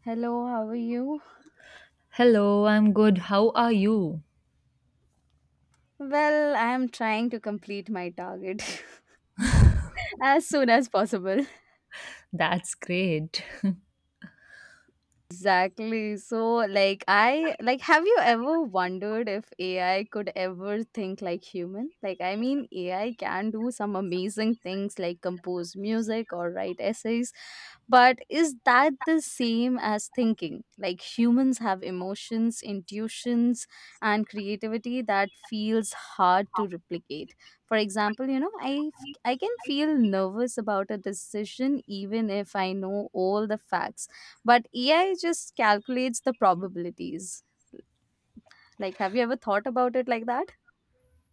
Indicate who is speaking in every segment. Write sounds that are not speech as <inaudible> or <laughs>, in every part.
Speaker 1: Hello, how are you?
Speaker 2: Hello, I'm good. How are you?
Speaker 1: Well, I am trying to complete my target <laughs> as soon as possible.
Speaker 2: That's great. <laughs>
Speaker 1: Exactly. Have you ever wondered if AI could ever think like human? AI can do some amazing things like compose music or write essays, but is that the same as thinking? Like, humans have emotions, intuitions, and creativity that feels hard to replicate. For example, I can feel nervous about a decision even if I know all the facts, but AI just calculates the probabilities. Like, have you ever thought about it like that?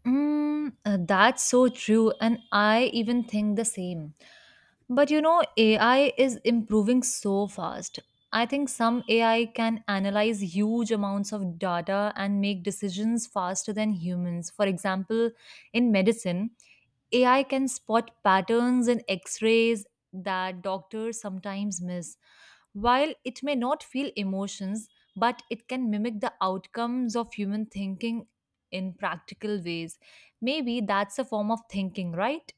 Speaker 2: That's so true, and I even think the same. But you know, AI is improving so fast. I think some AI can analyze huge amounts of data and make decisions faster than humans. For example, in medicine, AI can spot patterns in x rays that doctors sometimes miss. While it may not feel emotions, but it can mimic the outcomes of human thinking in practical ways. Maybe that's a form of thinking, right?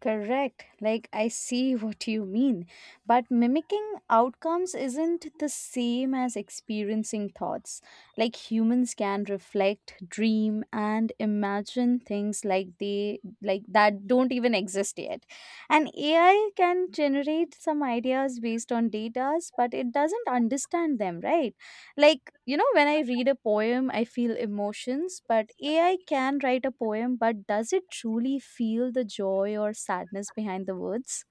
Speaker 1: Correct. Like, I see <laughs> what you mean. But mimicking outcomes isn't the same as experiencing thoughts. Like, humans can reflect, dream, and imagine things that don't even exist yet. And AI can generate some ideas based on data, but it doesn't understand them, right? When I read a poem, I feel emotions, but AI can write a poem, but does it truly feel the joy or sadness behind the words?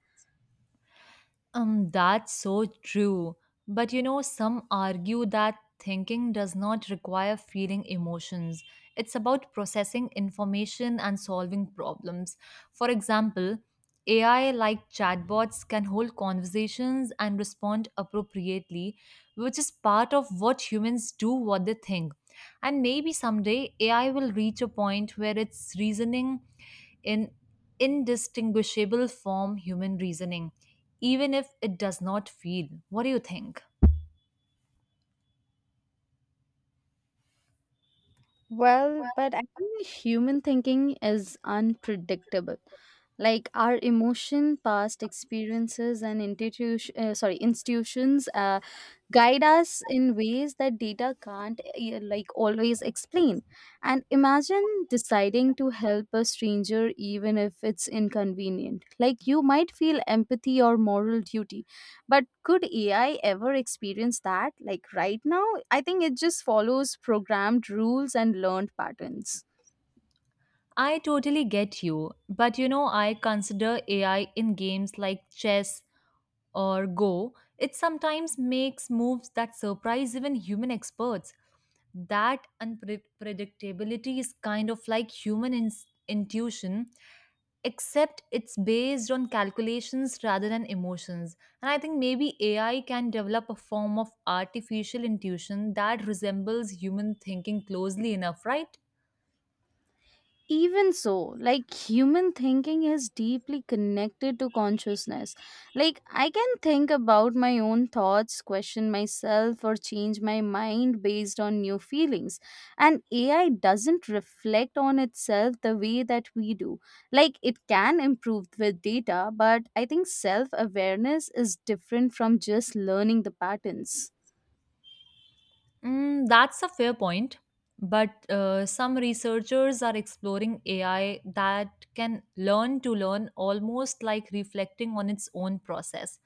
Speaker 2: That's so true. But you know, some argue that thinking does not require feeling emotions. It's about processing information and solving problems. For example, AI like chatbots can hold conversations and respond appropriately, which is part of what humans do what they think. And maybe someday AI will reach a point where its reasoning in indistinguishable from human reasoning, even if it does not feel. What do you think?
Speaker 1: Well, but I think human thinking is unpredictable, like our emotion, past experiences, and institutions guide us in ways that data can't like always explain. And imagine deciding to help a stranger even if it's inconvenient, like you might feel empathy or moral duty, but could AI ever experience that? Like, right now I think it just follows programmed rules and learned patterns.
Speaker 2: I totally get you, but you know, I consider AI in games like chess or Go. It sometimes makes moves that surprise even human experts. That unpredictability is kind of like intuition except it's based on calculations rather than emotions. And I think maybe AI can develop a form of artificial intuition that resembles human thinking closely enough, right?
Speaker 1: Even so, like, human thinking is deeply connected to consciousness. Like, I can think about my own thoughts, question myself, or change my mind based on new feelings. And AI doesn't reflect on itself the way that we do. Like, it can improve with data, but I think self awareness is different from just learning the patterns.
Speaker 2: Mm, that's a fair point. But some researchers are exploring AI that can learn to learn almost like reflecting on its own process.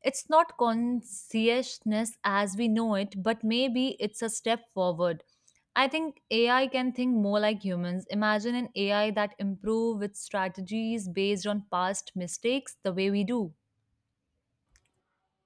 Speaker 2: It's not consciousness as we know it, but maybe it's a step forward. I think AI can think more like humans. Imagine an AI that improve its strategies based on past mistakes the way we do.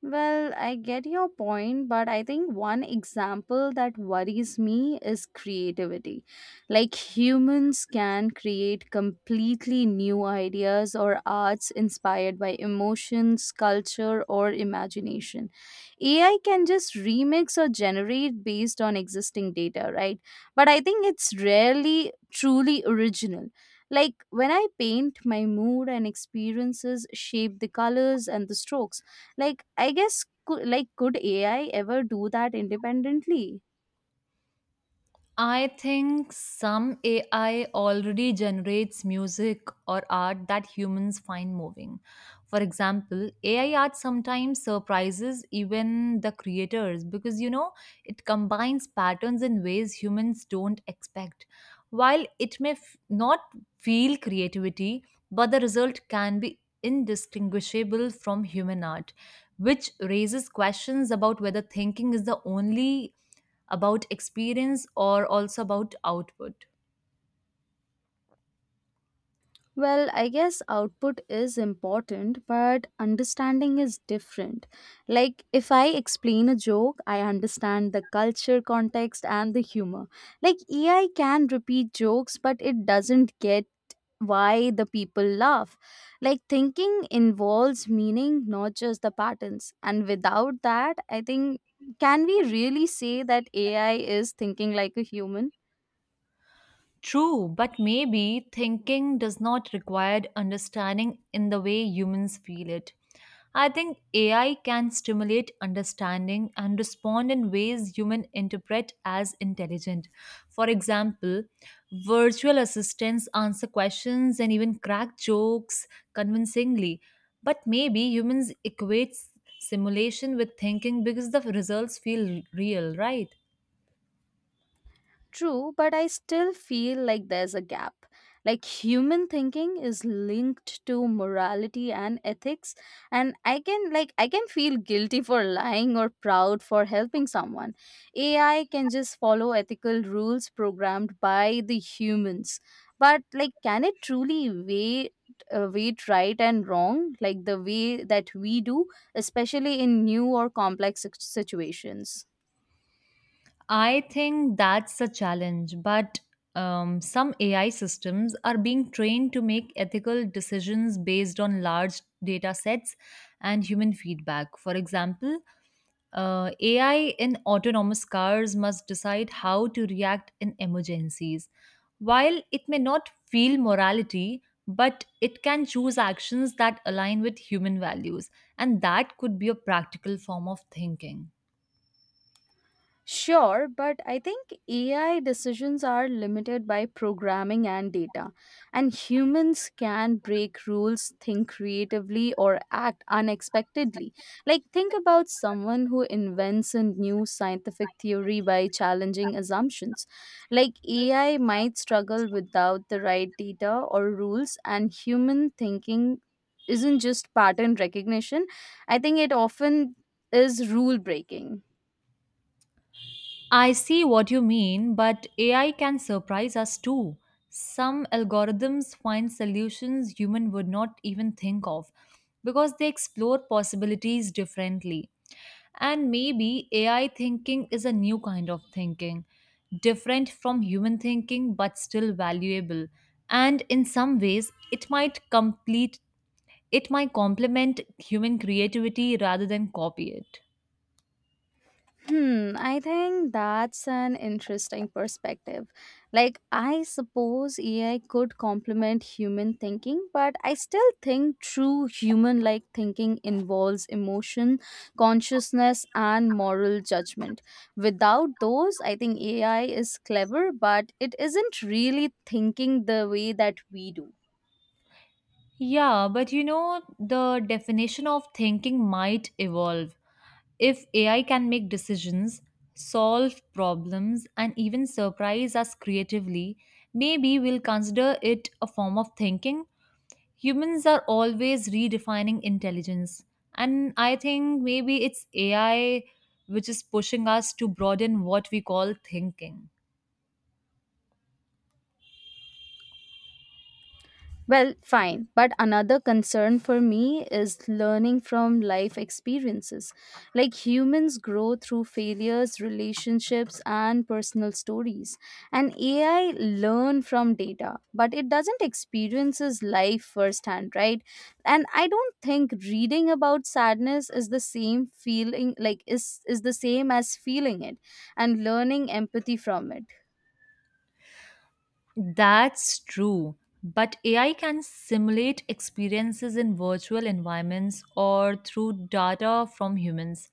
Speaker 1: Well, I get your point, but I think one example that worries me is creativity. Like, humans can create completely new ideas or arts inspired by emotions, culture, or imagination. AI can just remix or generate based on existing data, right? But I think it's rarely truly original. Like, when I paint, my mood and experiences shape the colors and the strokes. Could AI ever do that independently?
Speaker 2: I think some AI already generates music or art that humans find moving. For example, AI art sometimes surprises even the creators because you know it combines patterns in ways humans don't expect. While it not feel creativity, but the result can be indistinguishable from human art, which raises questions about whether thinking is the only about experience or also about output.
Speaker 1: Well, I guess output is important, but understanding is different. Like, if I explain a joke, I understand the culture, context, and the humor. Like, AI can repeat jokes, but it doesn't get why the people laugh. Like, thinking involves meaning, not just the patterns. And without that, I think, can we really say that AI is thinking like a human?
Speaker 2: True, but maybe thinking does not require understanding in the way humans feel it. I think AI can stimulate understanding and respond in ways humans interpret as intelligent. For example, virtual assistants answer questions and even crack jokes convincingly. But maybe humans equate simulation with thinking because the results feel real, right?
Speaker 1: True, but I still feel like there's a gap. Like, human thinking is linked to morality and ethics, and I can feel guilty for lying or proud for helping someone. AI can just follow ethical rules programmed by the humans. But, like, can it truly weight right and wrong like the way that we do, especially in new or complex situations?
Speaker 2: I think that's a challenge, but some AI systems are being trained to make ethical decisions based on large data sets and human feedback. For example, AI in autonomous cars must decide how to react in emergencies. While it may not feel morality, but it can choose actions that align with human values, and that could be a practical form of thinking.
Speaker 1: Sure, but I think AI decisions are limited by programming and data, and humans can break rules, think creatively, or act unexpectedly. Like, think about someone who invents a new scientific theory by challenging assumptions. Like, AI might struggle without the right data or rules, and human thinking isn't just pattern recognition. I think it often is rule breaking.
Speaker 2: I see what you mean, but AI can surprise us too. Some algorithms find solutions human would not even think of because they explore possibilities differently. And maybe AI thinking is a new kind of thinking, different from human thinking but still valuable. And in some ways, it might complement human creativity rather than copy it.
Speaker 1: Hmm, I think that's an interesting perspective. Like, I suppose AI could complement human thinking, but I still think true human like thinking involves emotion, consciousness, and moral judgment. Without those, I think AI is clever, but it isn't really thinking the way that we do.
Speaker 2: Yeah, but you know, the definition of thinking might evolve. If AI can make decisions, solve problems, and even surprise us creatively, maybe we'll consider it a form of thinking. Humans are always redefining intelligence. And I think maybe it's AI which is pushing us to broaden what we call thinking.
Speaker 1: Well, fine. But another concern for me is learning from life experiences. Like, humans grow through failures, relationships, and personal stories. And AI learn from data, but it doesn't experiences life firsthand, right? And I don't think reading about sadness is the same feeling, like is the same as feeling it and learning empathy from it.
Speaker 2: That's true. But AI can simulate experiences in virtual environments or through data from humans.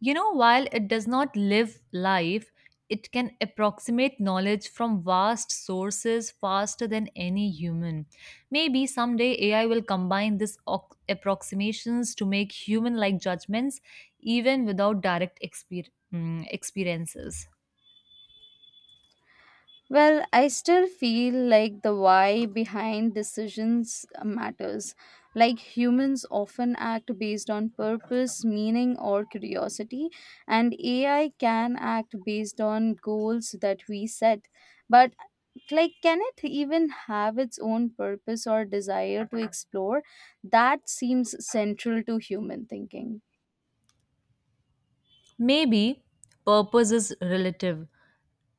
Speaker 2: You know, while it does not live life, it can approximate knowledge from vast sources faster than any human. Maybe someday AI will combine these approximations to make human like judgments even without direct experiences.
Speaker 1: Well, I still feel like the why behind decisions matters. Like, humans often act based on purpose, meaning, or curiosity, and AI can act based on goals that we set. But, like, can it even have its own purpose or desire to explore? That seems central to human thinking.
Speaker 2: Maybe purpose is relative.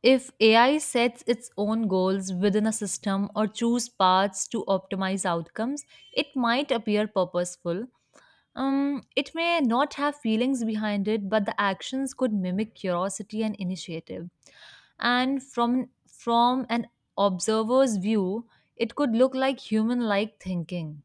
Speaker 2: If AI sets its own goals within a system or choose paths to optimize outcomes, it might appear purposeful. It may not have feelings behind it, but the actions could mimic curiosity and initiative. And from an observer's view, it could look like human-like thinking.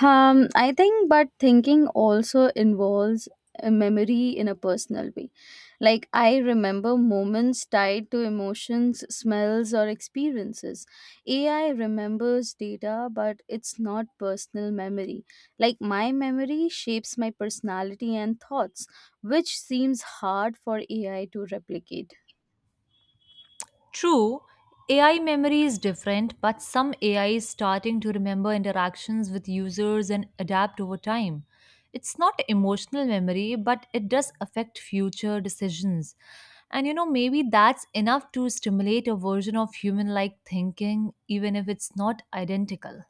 Speaker 1: I think, but thinking also involves a memory in a personal way. Like, I remember moments tied to emotions, smells, or experiences. AI remembers data, but it's not personal memory. Like, my memory shapes my personality and thoughts, which seems hard for AI to replicate.
Speaker 2: True, AI memory is different, but some AI is starting to remember interactions with users and adapt over time. It's not emotional memory, but it does affect future decisions. And you know, maybe that's enough to stimulate a version of human like thinking, even if it's not identical.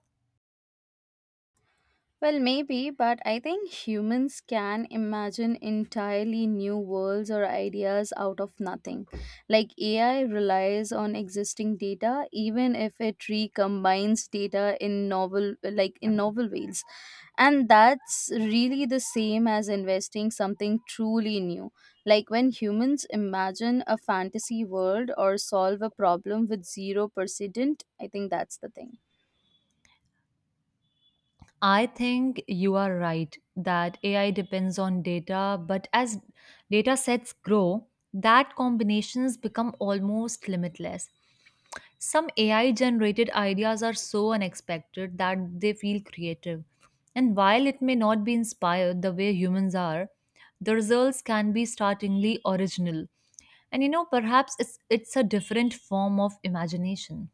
Speaker 1: Well, maybe, but I think humans can imagine entirely new worlds or ideas out of nothing. Like, AI relies on existing data, even if it recombines data in novel ways, and that's really the same as investing something truly new. Like, when humans imagine a fantasy world or solve a problem with zero precedent, I think that's the thing.
Speaker 2: I think you are right that AI depends on data, but as data sets grow, that combinations become almost limitless. Some AI generated ideas are so unexpected that they feel creative. And while it may not be inspired the way humans are, the results can be startlingly original. And you know, perhaps it's a different form of imagination.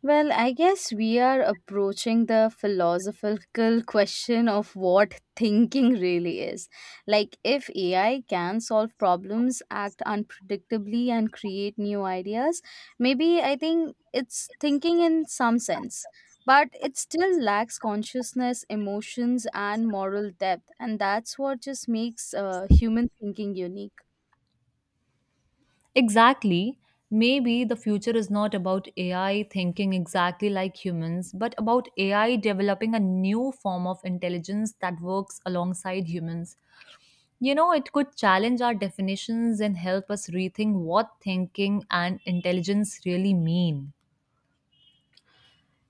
Speaker 1: Well, I guess we are approaching the philosophical question of what thinking really is. Like, if AI can solve problems, act unpredictably, and create new ideas, maybe I think it's thinking in some sense. But it still lacks consciousness, emotions, and moral depth. And that's what just makes human thinking unique.
Speaker 2: Exactly. Maybe the future is not about AI thinking exactly like humans, but about AI developing a new form of intelligence that works alongside humans. You know, it could challenge our definitions and help us rethink what thinking and intelligence really mean.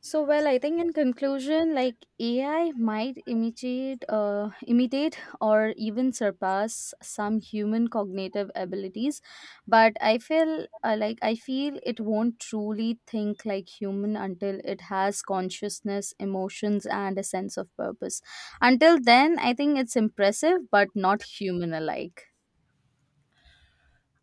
Speaker 1: So I think in conclusion, like, AI might imitate, or even surpass some human cognitive abilities, but I feel it won't truly think like human until it has consciousness, emotions, and a sense of purpose. Until then, I think it's impressive, but not human alike.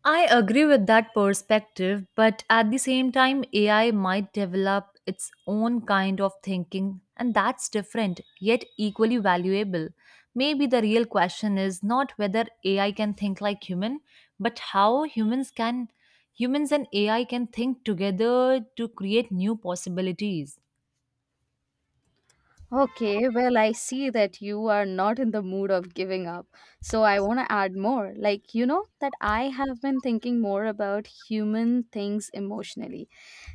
Speaker 2: I agree with that perspective, but at the same time, AI might develop its own kind of thinking, and that's different, yet equally valuable. Maybe the real question is not whether AI can think like human, but how humans can humans and AI can think together to create new possibilities.
Speaker 1: Okay, well, I see that you are not in the mood of giving up. So I want to add more. Like, you know, that I have been thinking more about human things emotionally.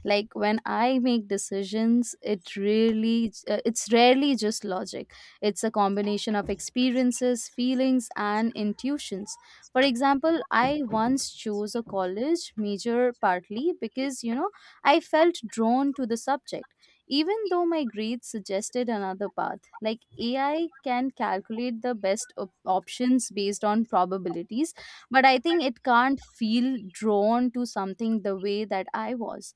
Speaker 1: Like, when I make decisions, it's rarely just logic. It's a combination of experiences, feelings, and intuitions. For example, I once chose a college major partly because, you know, I felt drawn to the subject even though my grades suggested another path. Like, AI can calculate the best options based on probabilities, but I think it can't feel drawn to something the way that I was.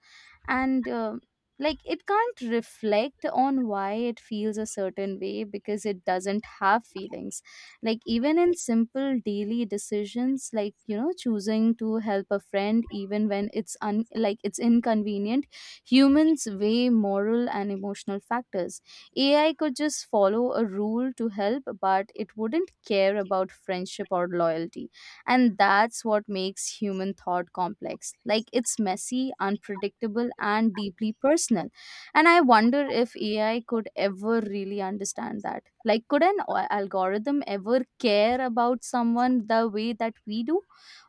Speaker 1: And like, it can't reflect on why it feels a certain way because it doesn't have feelings. Like, even in simple daily decisions, like, you know, choosing to help a friend even when it's un- like it's inconvenient. Humans weigh moral and emotional factors. AI could just follow a rule to help, but it wouldn't care about friendship or loyalty. And that's what makes human thought complex. Like, it's messy, unpredictable, and deeply personal. And I wonder if AI could ever really understand that. Like, could an algorithm ever care about someone the way that we do?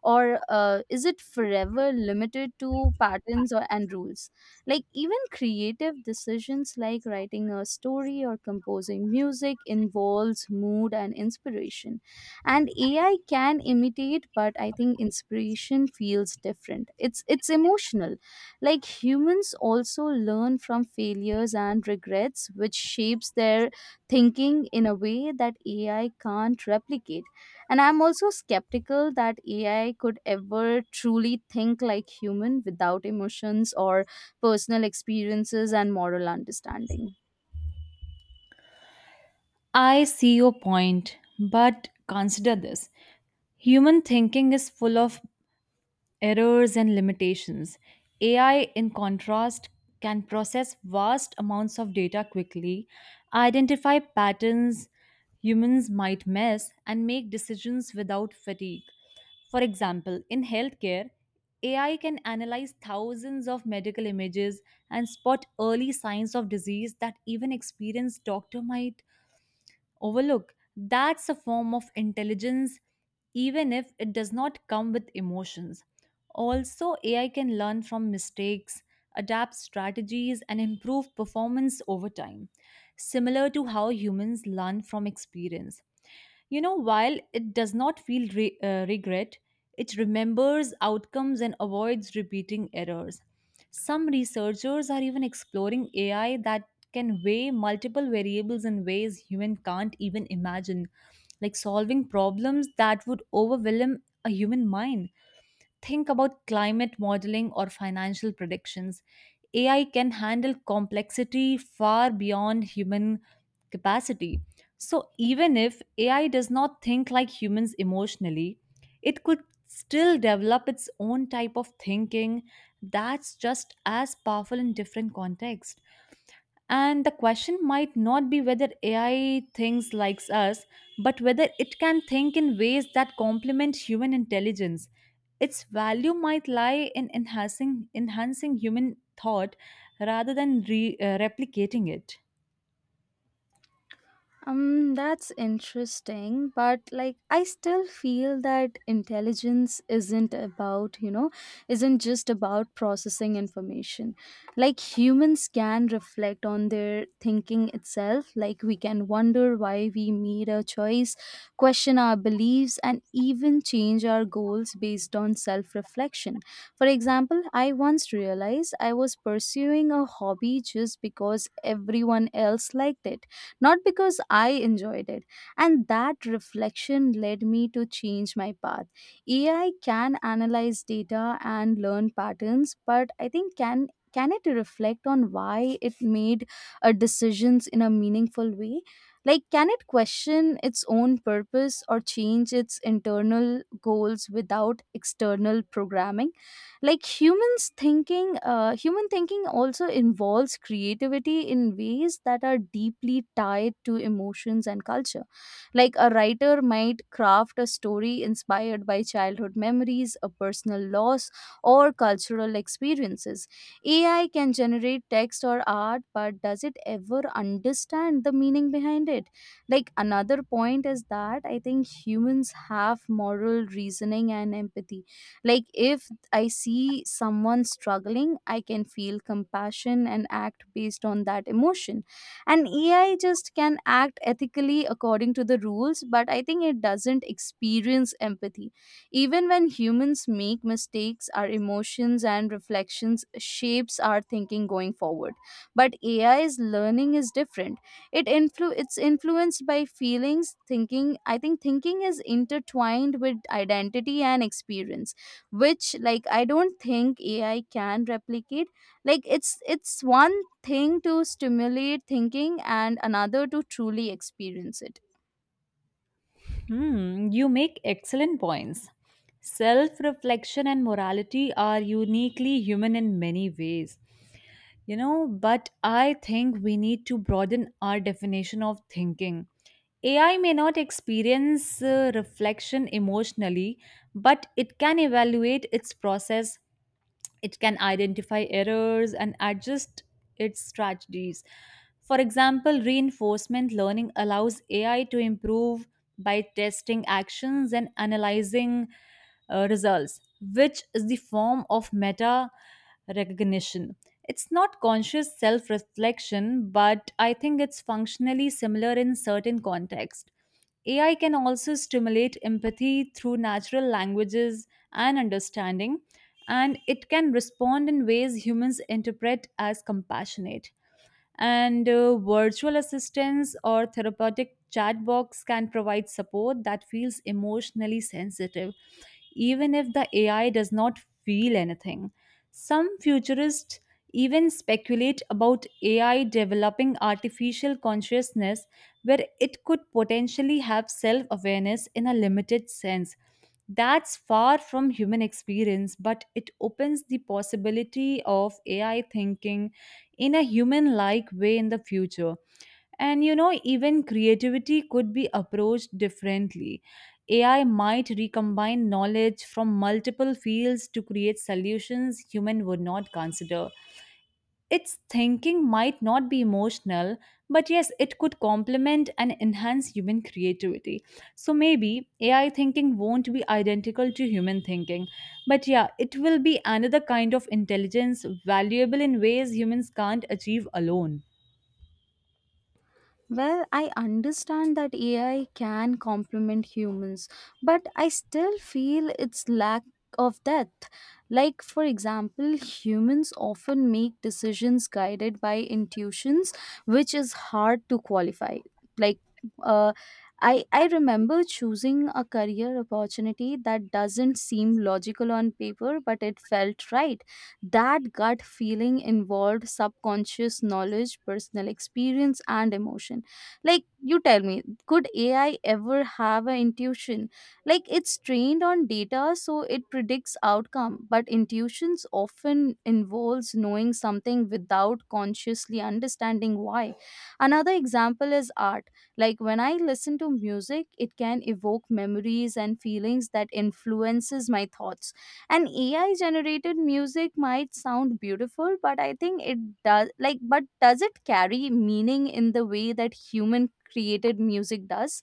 Speaker 1: Or is it forever limited to patterns and rules? Like, even creative decisions like writing a story or composing music involves mood and inspiration. And AI can imitate, but I think inspiration feels different. It's emotional. Like, humans also learn from failures and regrets, which shapes their thinking in a way that AI can't replicate. And I'm also skeptical that AI could ever truly think like human without emotions or personal experiences and moral understanding.
Speaker 2: I see your point, but consider this: human thinking is full of errors and limitations. AI, in contrast, can process vast amounts of data quickly, identify patterns humans might miss, and make decisions without fatigue. For example, in healthcare, AI can analyze thousands of medical images and spot early signs of disease that even experienced doctor might overlook. That's a form of intelligence, even if it does not come with emotions. Also, AI can learn from mistakes, adapt strategies, and improve performance over time, similar to how humans learn from experience. You know, while it does not feel regret, it remembers outcomes and avoids repeating errors. Some researchers are even exploring AI that can weigh multiple variables in ways human can't even imagine, like solving problems that would overwhelm a human mind. Think about climate modeling or financial predictions. AI can handle complexity far beyond human capacity. So, even if AI does not think like humans emotionally, it could still develop its own type of thinking that's just as powerful in different contexts. And the question might not be whether AI thinks like us, but whether it can think in ways that complement human intelligence. Its value might lie in enhancing human thought rather than replicating it.
Speaker 1: That's interesting, but like, I still feel that intelligence isn't about, you know, isn't just about processing information. Like, humans can reflect on their thinking itself. Like, we can wonder why we made a choice, question our beliefs, and even change our goals based on self reflection. For example, I once realized I was pursuing a hobby just because everyone else liked it, not because I enjoyed it. And that reflection led me to change my path. AI can analyze data and learn patterns, but I think can it reflect on why it made decisions in a meaningful way? Like, can it question its own purpose or change its internal goals without external programming? Human thinking also involves creativity in ways that are deeply tied to emotions and culture. Like, a writer might craft a story inspired by childhood memories, a personal loss, or cultural experiences. AI can generate text or art, but does it ever understand the meaning behind it? Like, another point is that I think humans have moral reasoning and empathy. Like, if I see someone struggling, I can feel compassion and act based on that emotion. And AI just can act ethically according to the rules, but I think it doesn't experience empathy. Even when humans make mistakes, our emotions and reflections shapes our thinking going forward. But AI's learning is different. It's influenced by feelings. Thinking i think thinking is intertwined with identity and experience, which, like, I don't think AI can replicate. Like, it's one thing to stimulate thinking and another to truly experience it.
Speaker 2: Hmm, you make excellent points. Self reflection and morality are uniquely human in many ways. You know, but I think we need to broaden our definition of thinking. AI may not experience reflection emotionally, but it can evaluate its process, it can identify errors and adjust its strategies. For example, reinforcement learning allows AI to improve by testing actions and analyzing results, which is the form of meta recognition. It's not conscious self reflection, but I think it's functionally similar in certain contexts. AI can also stimulate empathy through natural languages and understanding, and it can respond in ways humans interpret as compassionate, and virtual assistants or therapeutic chat box can provide support that feels emotionally sensitive even if the AI does not feel anything. Some futurists even speculate about AI developing artificial consciousness where it could potentially have self-awareness in a limited sense. That's far from human experience, but it opens the possibility of AI thinking in a human like way in the future. And you know, even creativity could be approached differently. AI might recombine knowledge from multiple fields to create solutions human would not consider. Its thinking might not be emotional, but yes, it could complement and enhance human creativity. So maybe AI thinking won't be identical to human thinking, but yeah, it will be another kind of intelligence valuable in ways humans can't achieve alone.
Speaker 1: Well, I understand that AI can complement humans, but I still feel its lack of depth. Like, for example, humans often make decisions guided by intuitions, which is hard to qualify. Like, uh, I remember choosing a career opportunity that doesn't seem logical on paper, but it felt right. That gut feeling involved subconscious knowledge, personal experience, and emotion. Like, you tell me, could AI ever have an intuition? Like, it's trained on data, so it predicts outcome, but intuitions often involves knowing something without consciously understanding why. Another example is art. Like, when I listen to music, it can evoke memories and feelings that influences my thoughts, and AI generated music might sound beautiful, but I think it does, but does it carry meaning in the way that human created music does?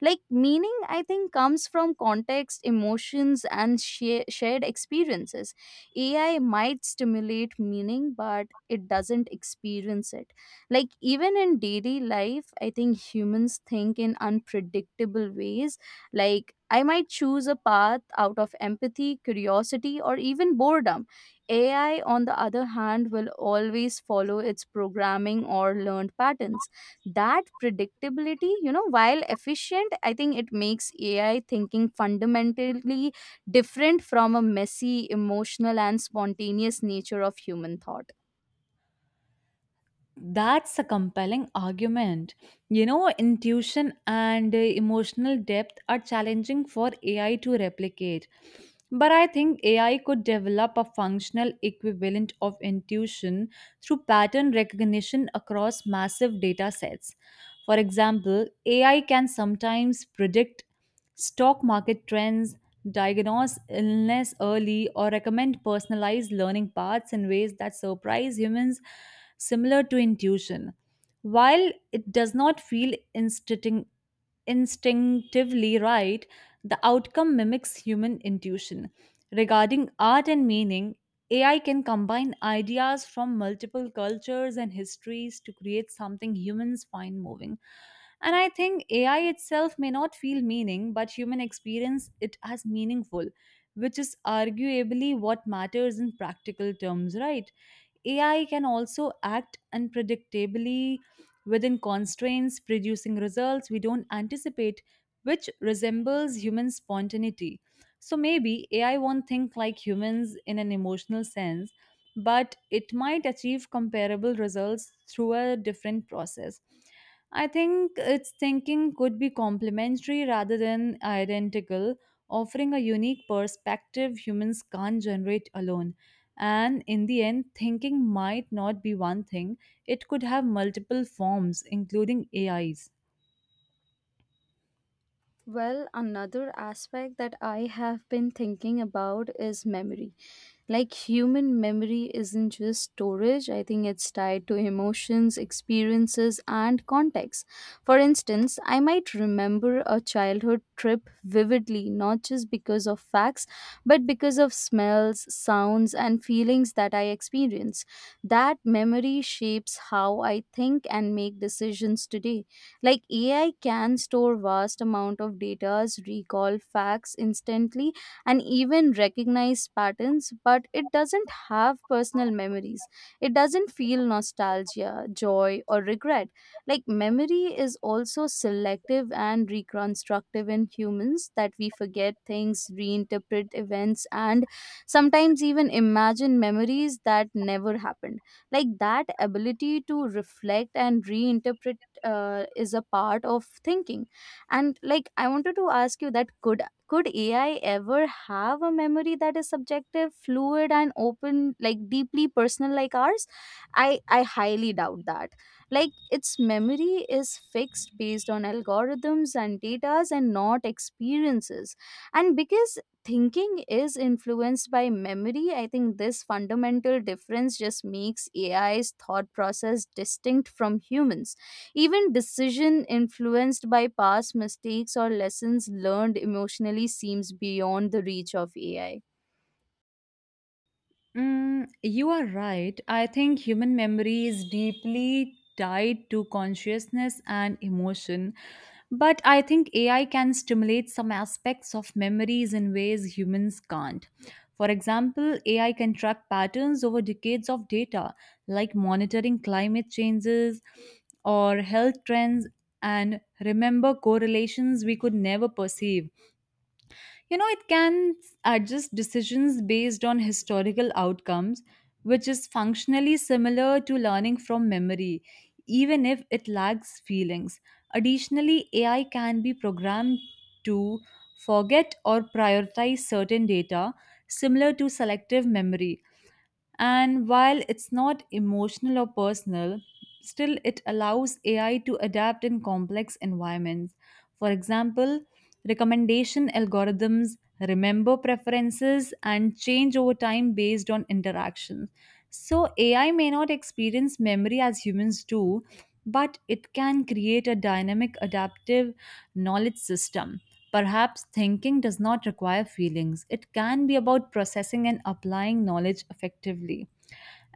Speaker 1: Like, meaning, I think, comes from context, emotions, and shared experiences. AI might stimulate meaning, but it doesn't experience it. Like, even in daily life, I think humans think in unpredictable ways. Like, I might choose a path out of empathy, curiosity, or even boredom. AI, on the other hand, will always follow its programming or learned patterns. That predictability, while efficient, I think it makes AI thinking fundamentally different from a messy, emotional, and spontaneous nature of human thought.
Speaker 2: That's a compelling argument. You know, intuition and emotional depth are challenging for AI to replicate. But I think AI could develop a functional equivalent of intuition through pattern recognition across massive data sets. For example, AI can sometimes predict stock market trends, diagnose illness early, or recommend personalized learning paths in ways that surprise humans, similar to intuition. While it does not feel instinct instinctively right, the outcome mimics human intuition. Regarding art and meaning, AI can combine ideas from multiple cultures and histories to create something humans find moving. And I think AI itself may not feel meaning, but human experience it as meaningful, which is arguably what matters in practical terms, right? AI can also act unpredictably within constraints, producing results we don't anticipate, which resembles human spontaneity. So maybe AI won't think like humans in an emotional sense, but it might achieve comparable results through a different process. I think its thinking could be complementary rather than identical, offering a unique perspective humans can't generate alone. And in the end, thinking might not be one thing, it could have multiple forms, including AIs.
Speaker 1: Well, another aspect that I have been thinking about is memory. Like, human memory isn't just storage, I think it's tied to emotions, experiences, and context. For instance, I might remember a childhood trip vividly, not just because of facts, but because of smells, sounds, and feelings that I experience. That memory shapes how I think and make decisions today. Like, AI can store vast amount of data, recall facts instantly, and even recognize patterns, but it doesn't have personal memories. It doesn't feel nostalgia, joy, or regret. Like, memory is also selective and reconstructive in humans, that we forget things, reinterpret events, and sometimes even imagine memories that never happened. Like, that ability to reflect and reinterpret is a part of thinking. And like, I wanted to ask you that, could AI ever have a memory that is subjective, fluid, and open, like deeply personal like ours? I highly doubt that. Like, its memory is fixed based on algorithms and data and not experiences. And because thinking is influenced by memory, I think this fundamental difference just makes AI's thought process distinct from humans. Even decision influenced by past mistakes or lessons learned emotionally seems beyond the reach of AI.
Speaker 2: Mm, you are right. I think human memory is deeply tied to consciousness and emotion. But I think AI can stimulate some aspects of memories in ways humans can't. For example, AI can track patterns over decades of data, like monitoring climate changes or health trends, and remember correlations we could never perceive. You know, it can adjust decisions based on historical outcomes, which is functionally similar to learning from memory, even if it lacks feelings. Additionally, AI can be programmed to forget or prioritize certain data, similar to selective memory. And while it's not emotional or personal, still it allows AI to adapt in complex environments. For example, recommendation algorithms remember preferences and change over time based on interactions. So, AI may not experience memory as humans do, but it can create a dynamic, adaptive knowledge system. Perhaps thinking does not require feelings. It can be about processing and applying knowledge effectively.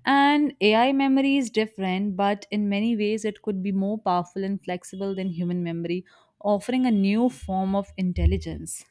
Speaker 2: And AI memory is different, but in many ways, it could be more powerful and flexible than human memory, offering a new form of intelligence.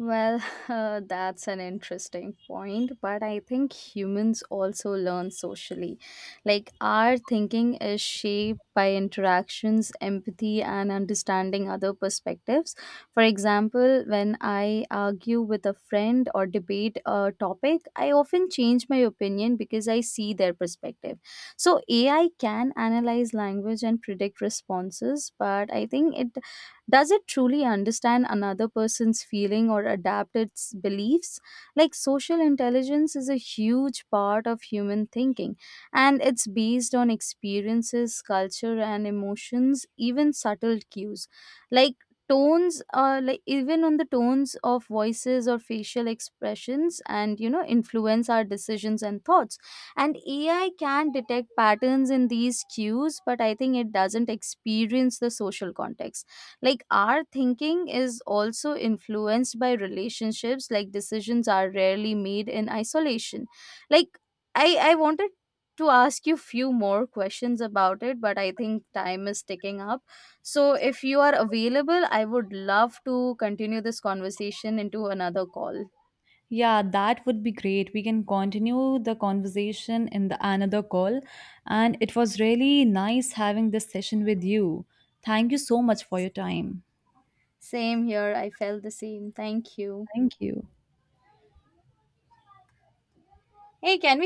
Speaker 1: Well, <laughs> that's an interesting point, but I think humans also learn socially. Like, our thinking is shaped by interactions, empathy, and understanding other perspectives. For example, when I argue with a friend or debate a topic, I often change my opinion because I see their perspective. So, AI can analyze language and predict responses, but I think it, does it truly understand another person's feeling or adapt its beliefs? Like, social intelligence is a huge part of human thinking, and it's based on experiences, culture, and emotions, even subtle cues. Like, tones like even on the tones of voices or facial expressions, and influence our decisions and thoughts. And AI can detect patterns in these cues, but I think it doesn't experience the social context. Like, our thinking is also influenced by relationships. Like, decisions are rarely made in isolation. Like, I wanted to ask you few more questions about it, but I think time is ticking up. So if you are available, I would love to continue this conversation into another call.
Speaker 2: Yeah, that would be great. We can continue the conversation in the another call. And it was really nice having this session with you. Thank you so much for your time.
Speaker 1: Same here, I felt the same, thank you.
Speaker 2: Thank you.
Speaker 1: Hey, can